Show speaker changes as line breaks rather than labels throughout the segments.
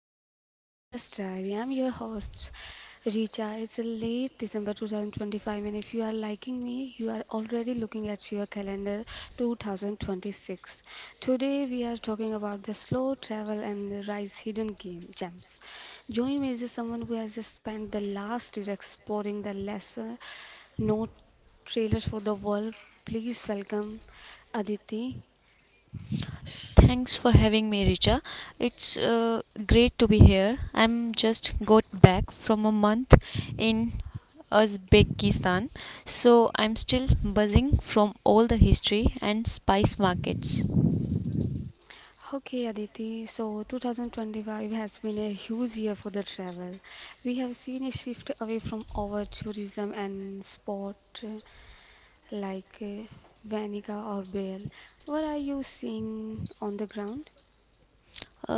back to the Wonderlust Diary. I'm your host, Richa. It's a late December 2025, and if you are liking me, you are already looking at your calendar 2026. Today, we are talking about the slow travel and the rise hidden game gems. Join me is someone who has spent the last year exploring the lesser known trailers for the world. Please welcome Aditi.
Thanks for having me, Richa. It's great to be here. I'm just got back from a month in Uzbekistan, so I'm still buzzing from all the history and spice markets.
Okay, Aditi. So 2025 has been a huge year for the travel. We have seen a shift away from our tourism and sport uh, like uh, Vanica or Bale. What are you seeing on the ground?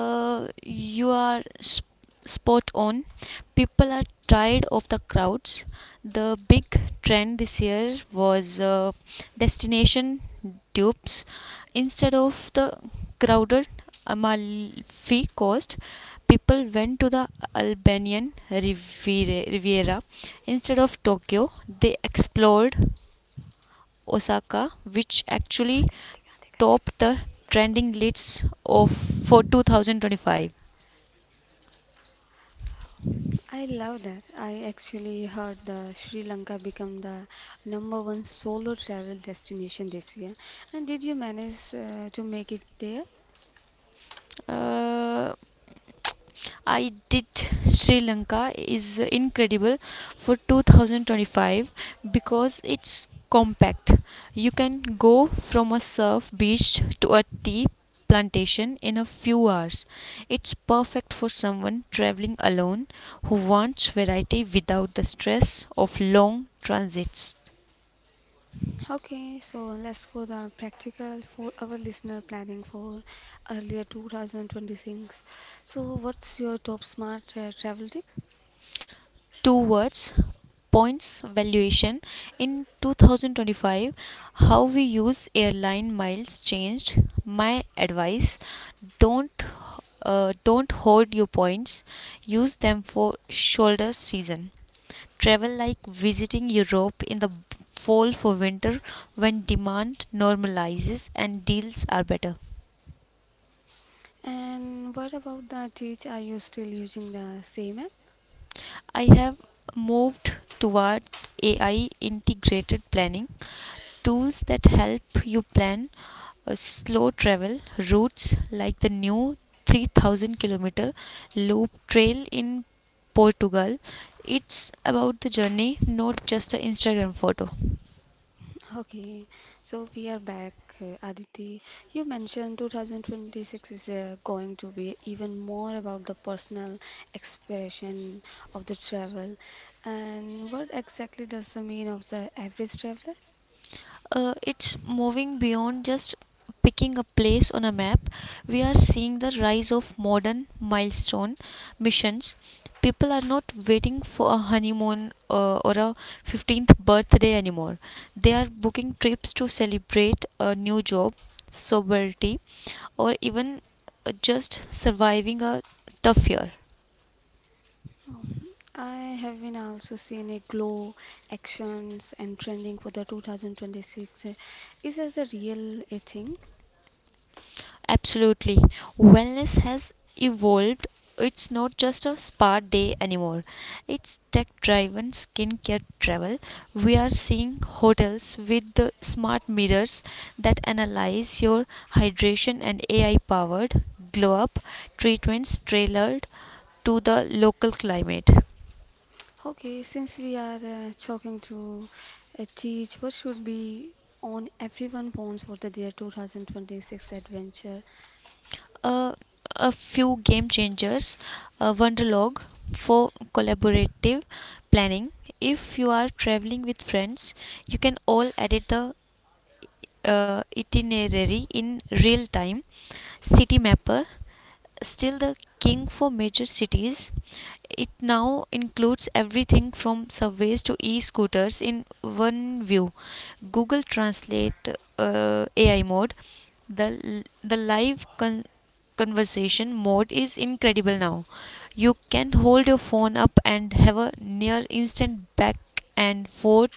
You are spot on. People are tired of the crowds. The big trend this year was destination dupes. Instead of the crowded Amalfi Coast, people went to the Albanian Riviera. Instead of Tokyo, they explored Osaka, which actually topped the trending lists of for 2025.
I love that. I actually heard the Sri Lanka become the number one solo travel destination this year. And did you manage to make it there?
Uh, I did. Sri Lanka is incredible for 2025 because it's compact. You can go from a surf beach to a tea plantation in a few hours. It's perfect for someone traveling alone who wants variety without the stress of long transits.
Okay, so let's go the practical for our listener planning for earlier 2026. So what's your top smart travel tip?
Two words: points valuation. In 2025, how we use airline miles changed my advice. Don't uh, don't hoard your points. Use them for shoulder season travel, like visiting Europe in the fall for winter when demand normalizes and deals are better.
And what about the teach? Are you still using the same app?
I have moved toward AI integrated planning tools that help you plan a slow travel routes like the new 3,000 kilometer loop trail in Portugal. It's about the journey, not just an Instagram photo.
Okay, so we are back, Aditi. You mentioned 2026 is going to be even more about the personal expression of the travel. And what exactly does the mean of the average traveler?
It's moving beyond just picking a place on a map. We are seeing the rise of modern milestone missions. People are not waiting for a honeymoon or a 15th birthday anymore. They are booking trips to celebrate a new job, sobriety, or even just surviving a tough year.
Um, I have been also seen a glow actions and trending for the 2026. Is that the real a thing?
Absolutely. Wellness has evolved. It's not just a spa day anymore. It's tech driven skincare travel. We are seeing hotels with the smart mirrors that analyze your hydration and AI powered glow up treatments tailored to the local climate.
Okay, since we are talking to teach, what should be on everyone phones for the their 2026 adventure?
uh, a few game changers. Wonderlog for collaborative planning. If you are traveling with friends, you can all edit the itinerary in real time. City Mapper, still the king for major cities. It now includes everything from subways to e scooters in one view. Google Translate AI mode, the live conversation mode is incredible now. You can hold your phone up and have a near instant back and forth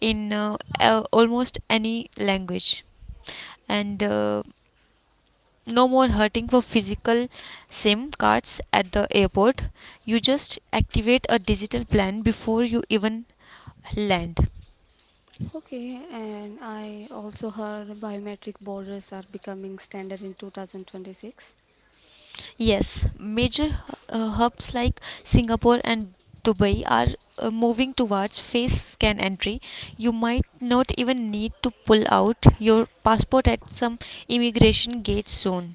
in almost any language. And no more hurting for physical SIM cards at the airport. You just activate a digital plan before you even land.
Okay, and I also heard biometric borders are becoming standard in 2026.
Yes, major hubs like Singapore and Dubai are moving towards face scan entry. You might not even need to pull out your passport at some immigration gate soon.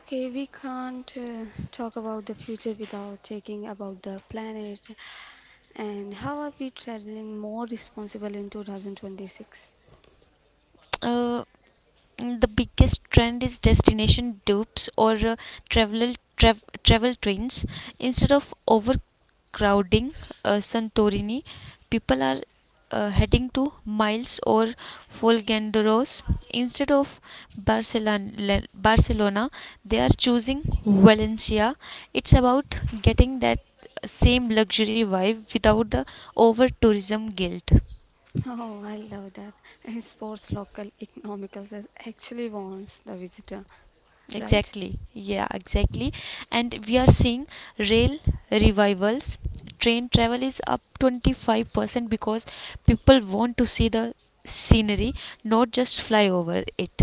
Okay, we can't talk about the future without taking about the planet. And how are we traveling more responsible in 2026?
Uh, the biggest trend is destination dupes, or travel tra- travel twins. Instead of over crowding Santorini. People are heading to Miles or Folgendoros. Instead of Barcelona. They are choosing Valencia. It's about getting that same luxury vibe without the over tourism guilt.
Oh, I love that. And sports local economicals. That actually warns the visitor, right?
Exactly. Yeah, exactly. And we are seeing rail revivals. Train travel is up 25% because people want to see the scenery, not just fly over it.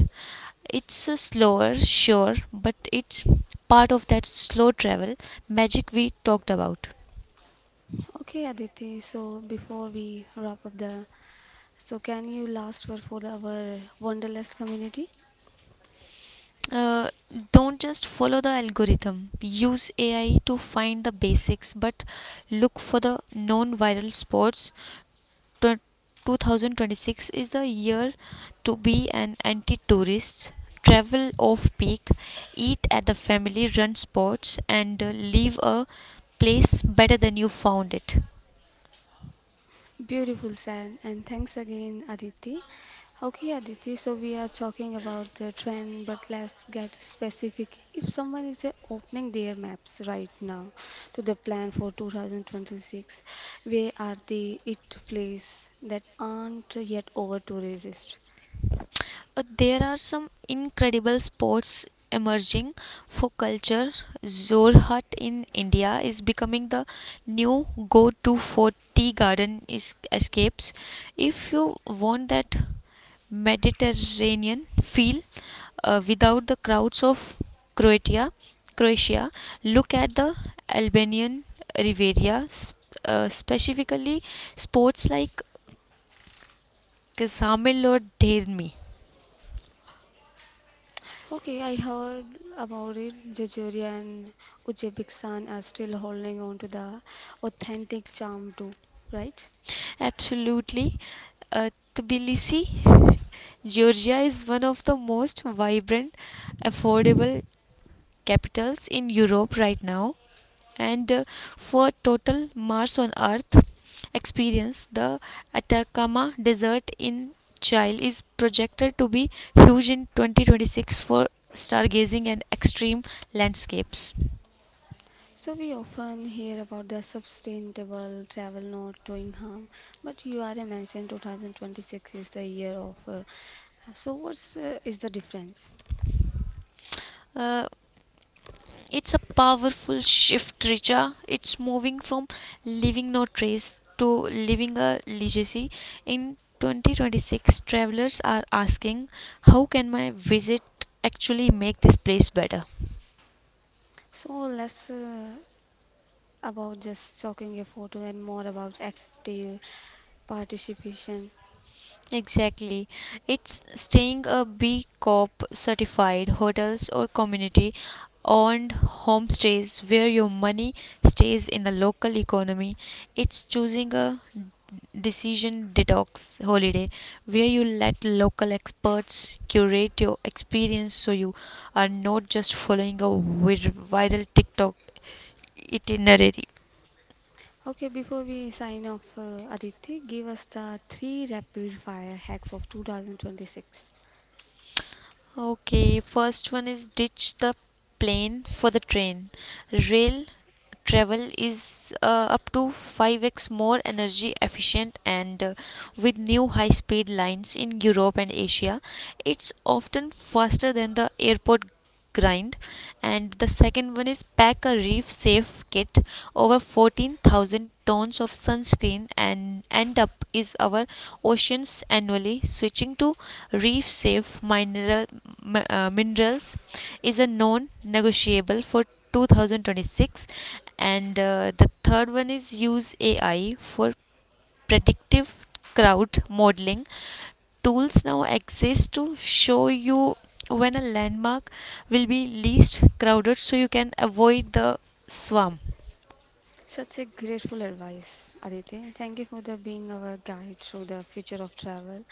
It's slower, sure, but it's part of that slow travel magic we talked about.
Okay, Aditi, so before we wrap up the, so can you last word for the, our Wonderlust community?
Uh, don't just follow the algorithm. Use AI to find the basics, but look for the non viral spots. 2026 is a year to be an anti tourist, travel off peak, eat at the family run spots, and leave a place better than you found it.
Beautiful, said, and thanks again, Aditi. Okay, Aditi, so we are talking about the trend, but let's get specific. If someone is opening their maps right now to the plan for 2026, where are the it place that aren't yet over tourists?
There are some incredible spots emerging for culture. Zorhat in India is becoming the new go to for tea garden escapes. If you want that Mediterranean feel, without the crowds of Croatia. Croatia, look at the Albanian Riviera, specifically sports like Ksamil or Dermi.
Okay, I heard about it. Jejuria and Uzbekistan are still holding on to the authentic charm too, right?
Absolutely. uh, Tbilisi, Georgia is one of the most vibrant, affordable capitals in Europe right now. And for total Mars on Earth, experienced. The Atacama Desert in Chile is projected to be huge in 2026 for stargazing and extreme landscapes.
So we often hear about the sustainable travel not doing harm, but you already mentioned 2026 is the year of. So what's is the difference?
Uh, it's a powerful shift, Richa. It's moving from leaving no trace to leaving a legacy. In 2026, travelers are asking, how can my visit actually make this place better?
So less about just talking a photo and more about active participation.
Exactly. It's staying a B Corp certified hotels or community owned homestays where your money stays in the local economy. It's choosing a decision detox holiday where you let local experts curate your experience so you are not just following a viral TikTok itinerary.
Okay, before we sign off, Aditi, give us the three rapid fire hacks of 2026.
Okay, first one is ditch the plane for the train. Rail travel is up to 5x more energy efficient, and with new high speed lines in Europe and Asia, it's often faster than the airport grind. And the second one is pack a reef safe kit. Over 14,000 tons of sunscreen and end up is our oceans annually. Switching to reef safe mineral, minerals is a non negotiable for 2026. And the third one is use AI for predictive crowd modeling. Tools now exist to show you when a landmark will be least crowded so you can avoid the swarm.
Such a grateful advice, Aditi. Thank you for the being our guide through the future of travel.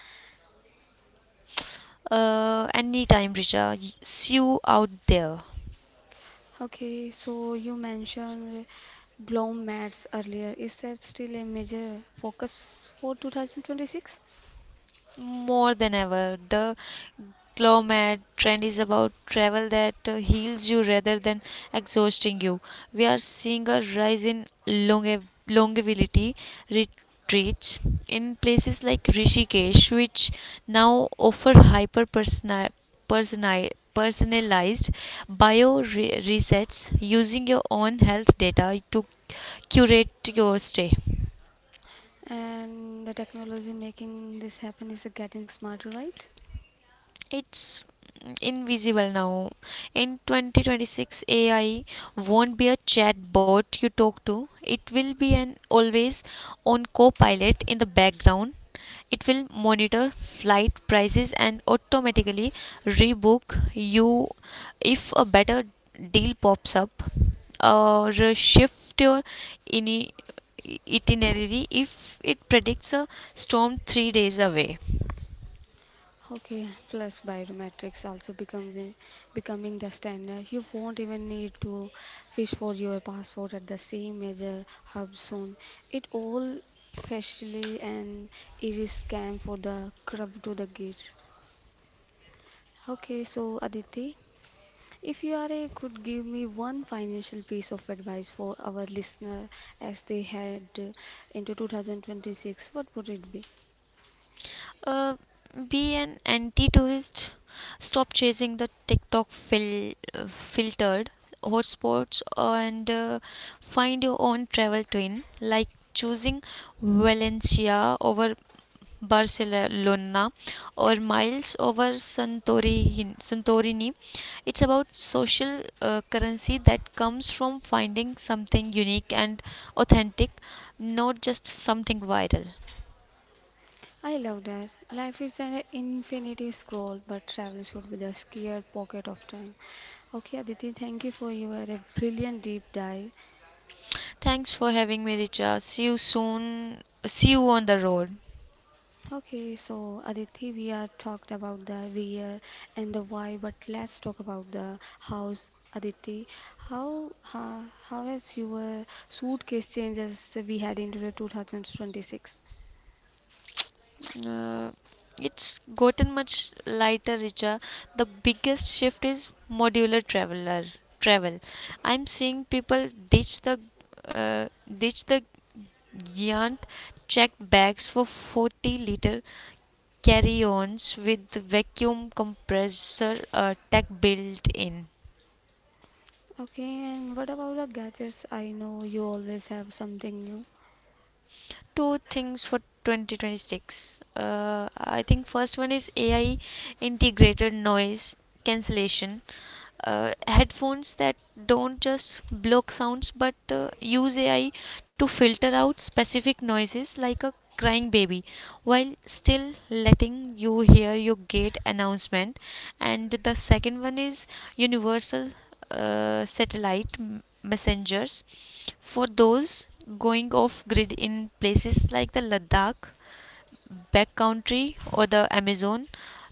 Anytime, Richa, see you out there.
Okay, so you mentioned gloom mats earlier. Is that still a major focus for 2026?
More than ever. The Clomad trend is about travel that heals you rather than exhausting you. We are seeing a rise in longevity retreats in places like Rishikesh, which now offer hyper personalized resets using your own health data to curate your stay.
And the technology making this happen is getting smarter, right?
It's invisible now. In 2026, AI won't be a chatbot you talk to, it will be an always on co-pilot in the background. It will monitor flight prices and automatically rebook you if a better deal pops up, or shift your itinerary if it predicts a storm 3 days away.
Okay, plus biometrics also becomes becoming the standard. You won't even need to fish for your passport at the same major hub soon. It all facially and iris scan for the crab to the gate. Okay, so Aditi. If you are a could give me one financial piece of advice for our listener as they head into 2026, what would it be?
Uh, be an anti-tourist. Stop chasing the TikTok filtered hotspots, and find your own travel twin. Like choosing Valencia over Barcelona, or Miles over Santorini. It's about social currency that comes from finding something unique and authentic, not just something viral.
I love that. Life is an infinity scroll, but travel should be the square pocket of time. Okay, Aditi, thank you for your brilliant deep dive.
Thanks for having me, Richa. See you soon. See you on the road.
Okay, so Aditi, we are talked about the where and the why, but let's talk about the hows. Aditi, how has your suitcase changes we had into the 2026?
Uh, it's gotten much lighter, Richa. The biggest shift is modular travel. I'm seeing people ditch the uh, ditch the giant checked bags for 40 L liter carry-ons with vacuum compressor tech built in.
Okay, and what about the gadgets? I know you always have something new.
Two things for 2026. I think first one is AI integrated noise cancellation. Headphones that don't just block sounds but use AI to filter out specific noises like a crying baby while still letting you hear your gate announcement. And the second one is universal satellite messengers for those going off grid in places like the Ladakh backcountry or the Amazon.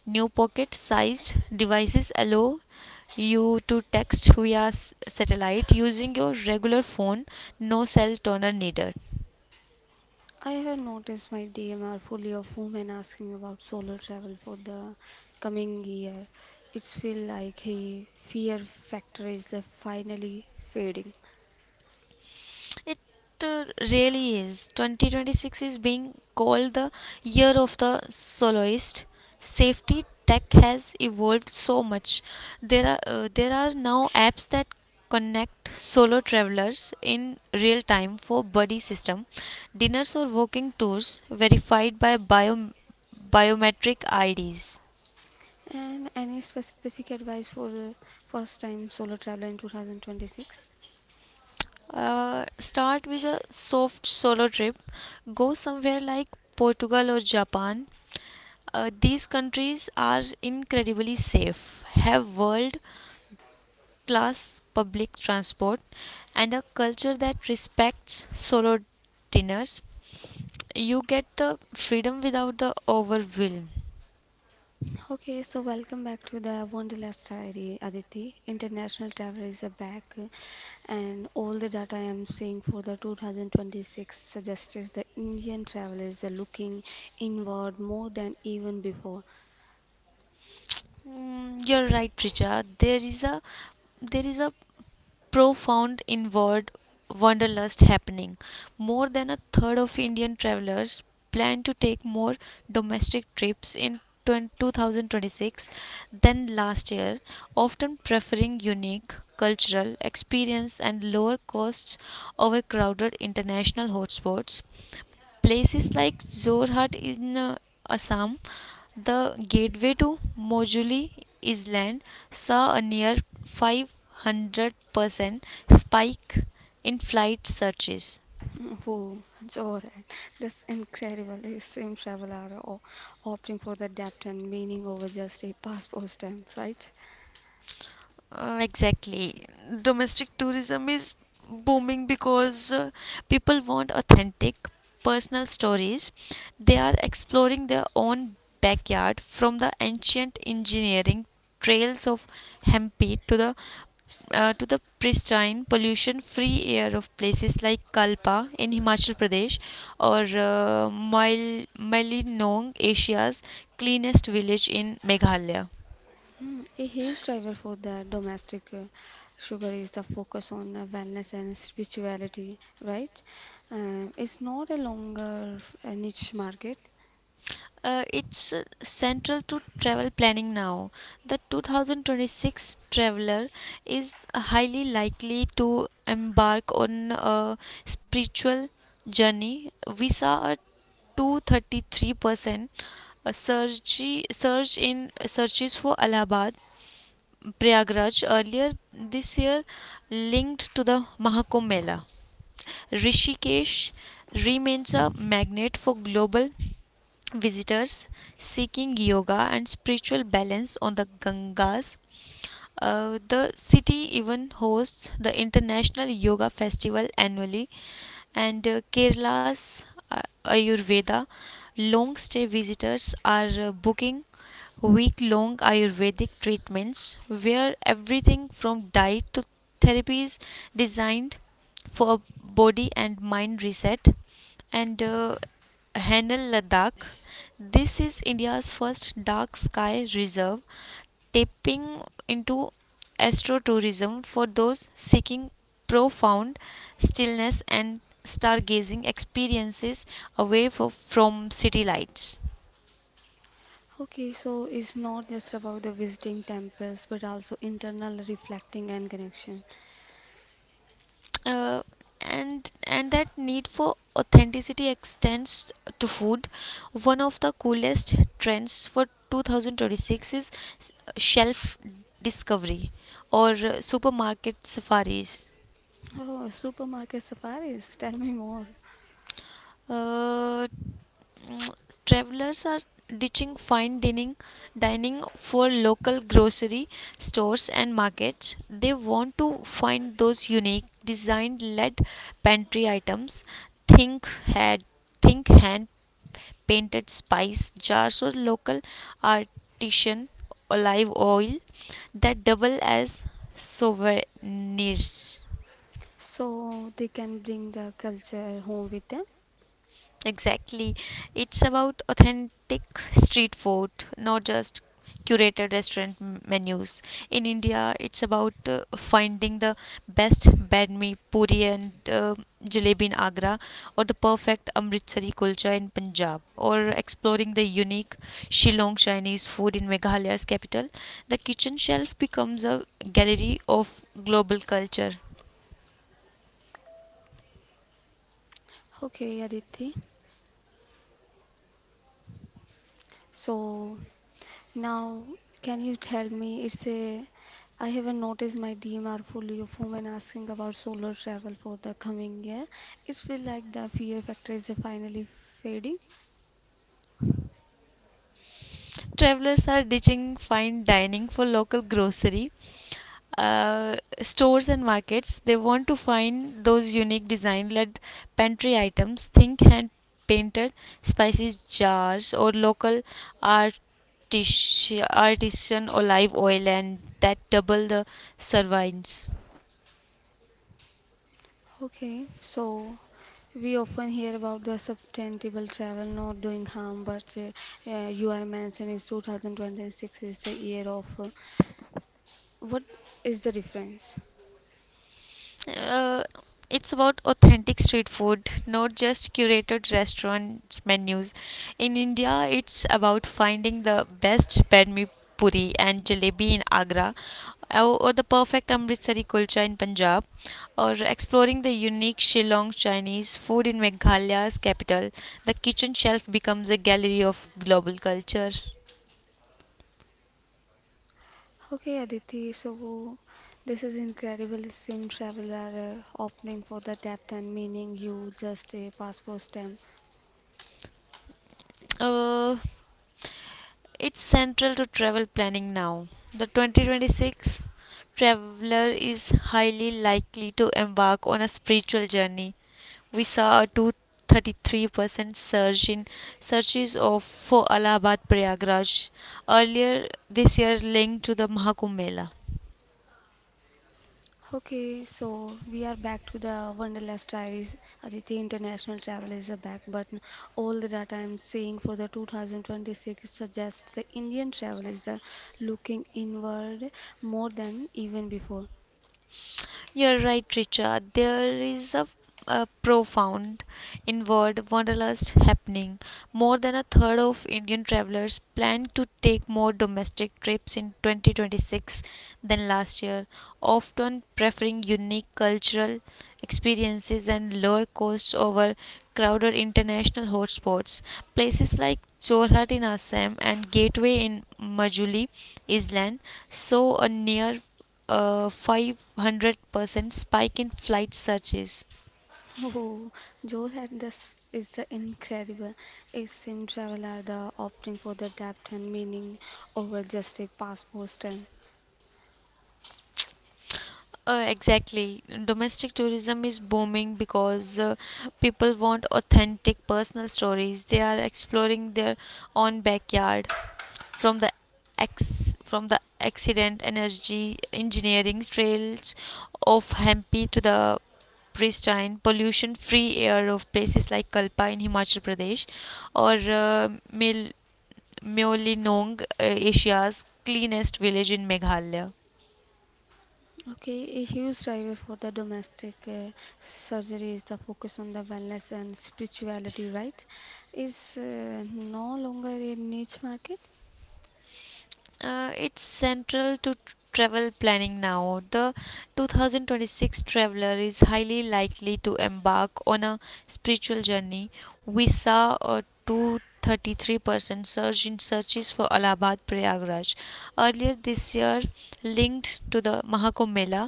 New pocket sized devices allow you to text via satellite using your regular phone, no cell tower needed.
I have noticed my DM are fully of women asking about solo travel for the coming year. It's feel like a fear factor is finally fading.
It uh, really is. 2026 is being called the year of the soloist. Safety tech has evolved so much. There are now apps that connect solo travelers in real time for buddy system, dinners or walking tours verified by biometric IDs.
And any specific advice for the first time solo traveler in 2026?
Start with a soft solo trip. Go somewhere like Portugal or Japan. These countries are incredibly safe, have world class public transport, and a culture that respects solo dinners. You get the freedom without the overwhelm.
Okay, so welcome back to the Wonderlust Diary, Aditi. International travel is back, and all the data I am seeing for the 2026 suggests the Indian travelers are looking inward more than even before.
Mm, you're right, Richa. There is a profound inward wanderlust happening. More than a third of Indian travelers plan to take more domestic trips in 2026 than last year, often preferring unique cultural experience and lower costs over crowded international hotspots. Places like Zorhat in Assam, the gateway to Mojuli Island, saw a near 500% spike in flight searches.
Mm, whoa, Jordan, that's incredible. It seems travelers are opting for the depth and meaning over just a passport stamp, right?
Exactly. Domestic tourism is booming because people want authentic personal stories. They are exploring their own backyard, from the ancient engineering trails of Hampi to the pristine, pollution free air of places like Kalpa in Himachal Pradesh, or Malinong, Asia's cleanest village in Meghalaya.
Mm, a huge driver for the domestic sugar is the focus on wellness and spirituality, right? It's not a longer niche market.
It's central to travel planning now. The 2026 traveler is highly likely to embark on a spiritual journey. We saw a 233% surge, surge in searches for Allahabad Prayagraj earlier this year, linked to the Mahakumbh Mela. Rishikesh remains a magnet for global visitors seeking yoga and spiritual balance on the Ganges. The city even hosts the International Yoga Festival annually, and Kerala's Ayurveda long stay visitors are booking week long Ayurvedic treatments where everything from diet to therapies designed for body and mind reset. And Hanel Ladakh. This is India's first dark sky reserve, tapping into astrotourism for those seeking profound stillness and stargazing experiences away from city lights.
Okay, so it's not just about the visiting temples, but also internal reflecting and connection.
uh, and that need for authenticity extends to food. One of the coolest trends for 2026 is shelf discovery, or supermarket safaris.
Oh, supermarket safaris, tell me more.
uh, Travelers are ditching fine dining for local grocery stores and markets. They want to find those unique design led pantry items. Think had think hand painted spice jars or local artisan olive oil that double as souvenirs.
So they can bring the culture home with them.
Exactly. It's about authentic street food, not just curated restaurant menus. In India, it's about finding the best badmi puri and uh, jalebi in Agra, or the perfect Amritsari kulcha in Punjab, or exploring the unique Shillong Chinese food in Meghalaya's capital. The kitchen shelf becomes a gallery of global culture.
Okay, Aditi. So now, can you tell me? It's a. I haven't noticed my DMR fully of women asking about solar travel for the coming year. It feels like the fear factor is finally fading.
Travelers are ditching fine dining for local grocery uh, stores and markets. They want to find those unique design led pantry items. Think hand painted spices jars or local artis- artisan olive oil and that double the servings.
Okay, so we often hear about the sustainable travel not doing harm, but you are mentioning is 2026 is the year of. What is the difference?
uh, it's about authentic street food, not just curated restaurant menus. In India, it's about finding the best badmi puri and jalebi in Agra, or the perfect Amritsari kulcha in Punjab, or exploring the unique Shillong Chinese food in Meghalaya's capital. The kitchen shelf becomes a gallery of global culture.
Okay, Aditi, so this is incredible sim traveler opening for the depth and meaning you just a passport stamp.
Uh, It's central to travel planning now. The 2026 traveler is highly likely to embark on a spiritual journey. We saw a 233% surge in searches of for Allahabad Prayagraj earlier this year, linked to the Mahakumbh Mela.
Okay, so we are back to the Wonderlust diaries. Aditi International Travel is a back button. All the data I'm seeing for the 2026 suggests the Indian travel is the looking inward more than even before.
You're right, Richard. There is a profound inward wanderlust happening. More than a third of Indian travelers plan to take more domestic trips in 2026 than last year, often preferring unique cultural experiences and lower costs over crowded international hotspots. Places like Jorhat in Assam and Gateway in Majuli Island saw a near a 500% spike in flight searches.
Oh, Joe had this is the incredible. A sim traveler, the opting for the depth and meaning over just a passport stamp.
Exactly. Domestic tourism is booming because people want authentic personal stories. They are exploring their own backyard from the ex from the accident energy engineering trails of Hampi to the pristine pollution free air of places like Kalpa in Himachal Pradesh or uh, Myeolinong, Asia's cleanest village in Meghalaya.
Okay, a huge driver for the domestic surgery is the focus on the wellness and spirituality, right? Is no longer a niche market.
It's central to travel planning now. The 2026 traveler is highly likely to embark on a spiritual journey. We saw a 233% surge in searches for Allahabad Prayagraj earlier this year, linked to the Mahakumbh Mela.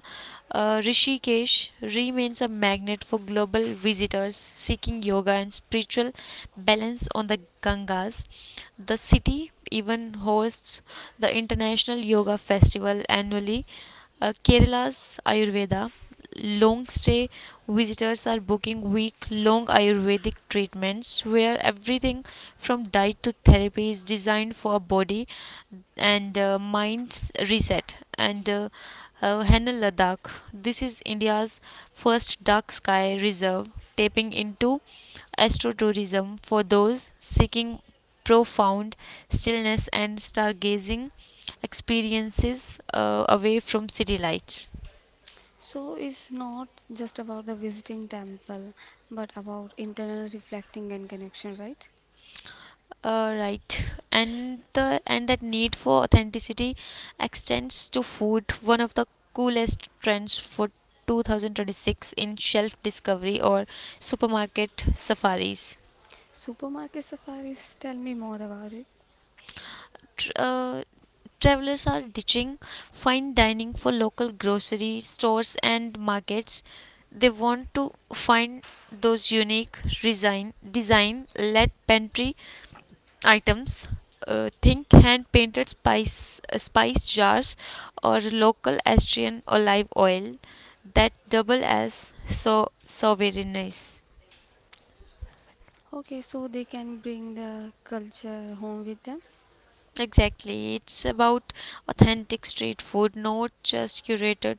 Rishikesh remains a magnet for global visitors seeking yoga and spiritual balance on the Gangas. The city even hosts the International Yoga Festival annually. Kerala's Ayurveda long stay visitors are booking week long Ayurvedic treatments where everything from diet to therapy is designed for body and mind reset. And Henna Ladakh, this is India's first dark sky reserve tapping into astrotourism for those seeking profound stillness and stargazing experiences away from city lights.
So it's not just about the visiting temple, but about internal reflecting and connection, right?
Right, and that need for authenticity extends to food. One of the coolest trends for 2026 in shelf discovery or supermarket safaris.
Supermarket safaris, tell me more about it.
Tr- Uh, Travelers are ditching fine dining for local grocery stores and markets. They want to find those unique design led pantry items. Think hand painted spice jars or local Austrian olive oil that double as so souvenirs.
Okay, so they can bring the culture home with them.
Exactly. It's about authentic street food, not just curated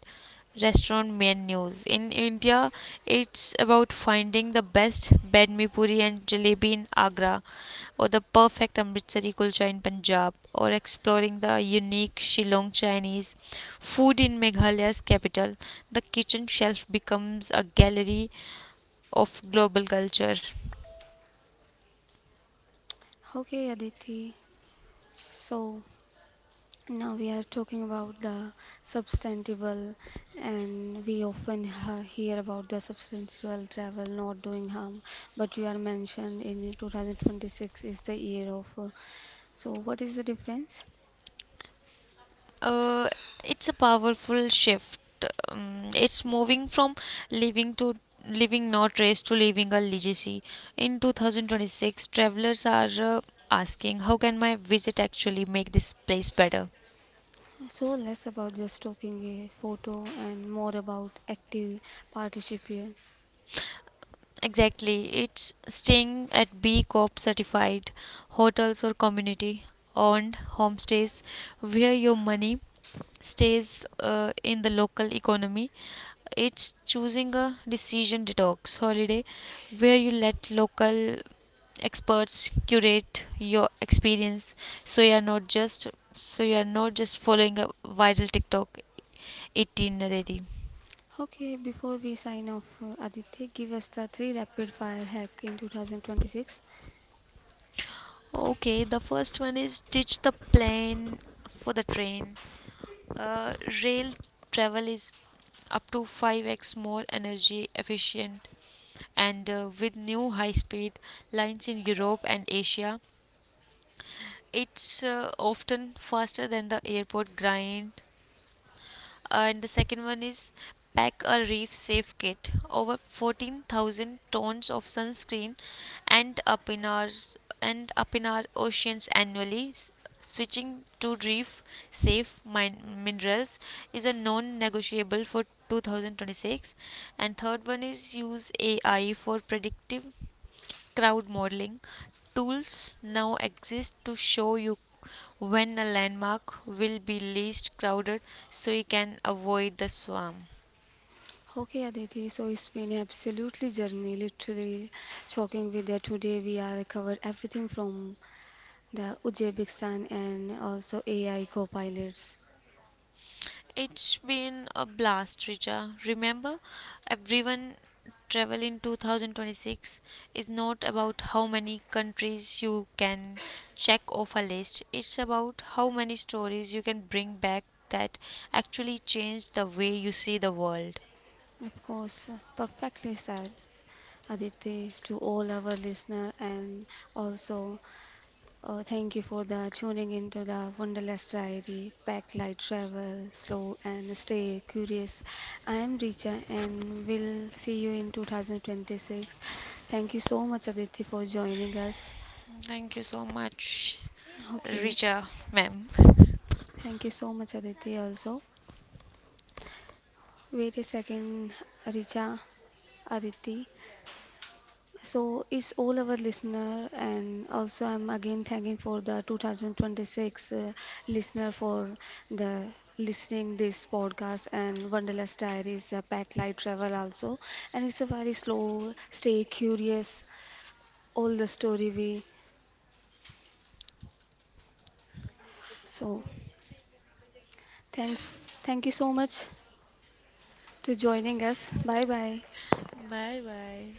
restaurant menus. In India, it's about finding the best badmi puri and jalebi in Agra, or the perfect Amritsari kulcha in Punjab, or exploring the unique Shillong Chinese food in Meghalaya's capital. The kitchen shelf becomes a gallery of global culture.
Okay, Aditi. So now we are talking about the substantial, and we often hear about the substantial travel not doing harm, but you are mentioned in 2026 is the year of. So what is the difference?
Uh, it's a powerful shift. It's moving from living to living not race to living a legacy. In 2026, travelers are asking, how can my visit actually make this place better?
So less about just taking a photo and more about active participation.
Exactly, it's staying at B Corp certified hotels or community owned homestays where your money stays in the local economy. It's choosing a decision detox holiday where you let local experts curate your experience so you are not just following a viral TikTok itinerary.
Okay, before we sign off, Aditi, give us the three rapid fire hack in 2026.
Okay, the first one is ditch the plane for the train. Uh, Rail travel is up to 5x more energy efficient, and with new high speed lines in Europe and Asia, it's often faster than the airport grind. And the second one is pack a reef safe kit. Over 14,000 tons of sunscreen and up in our s- and up in our oceans annually. Switching to reef safe minerals is a non-negotiable for 2026. And third one is use AI for predictive crowd modeling tools now exist to show you when a landmark will be least crowded so you can avoid the swarm.
Okay, Aditi, so it's been absolutely journey, literally shocking with that. Today we are covered everything from the Uzbekistan and also AI co-pilots.
It's been a blast, Richa. Remember, everyone, travel in 2026 is not about how many countries you can check off a list. It's about how many stories you can bring back that actually change the way you see the world.
Of course, perfectly said, Aditi, to all our listener and also thank you for the tuning into the Wonderless Diary, Pack Light Travel, Slow and Stay Curious. I am Richa and we'll see you in 2026. Thank you so much, Aditi, for joining us.
Thank you so much,
Okay,
Richa, ma'am.
thank you so much, Aditi, also. Wait a second, Richa, Aditi. So it's all our listener and also I'm again thanking for the 2026 listener for the listening this podcast and Wanderlust Diaries a packed light travel also and it's a very slow stay curious all the story we so thank you so much to joining us bye bye
Bye bye.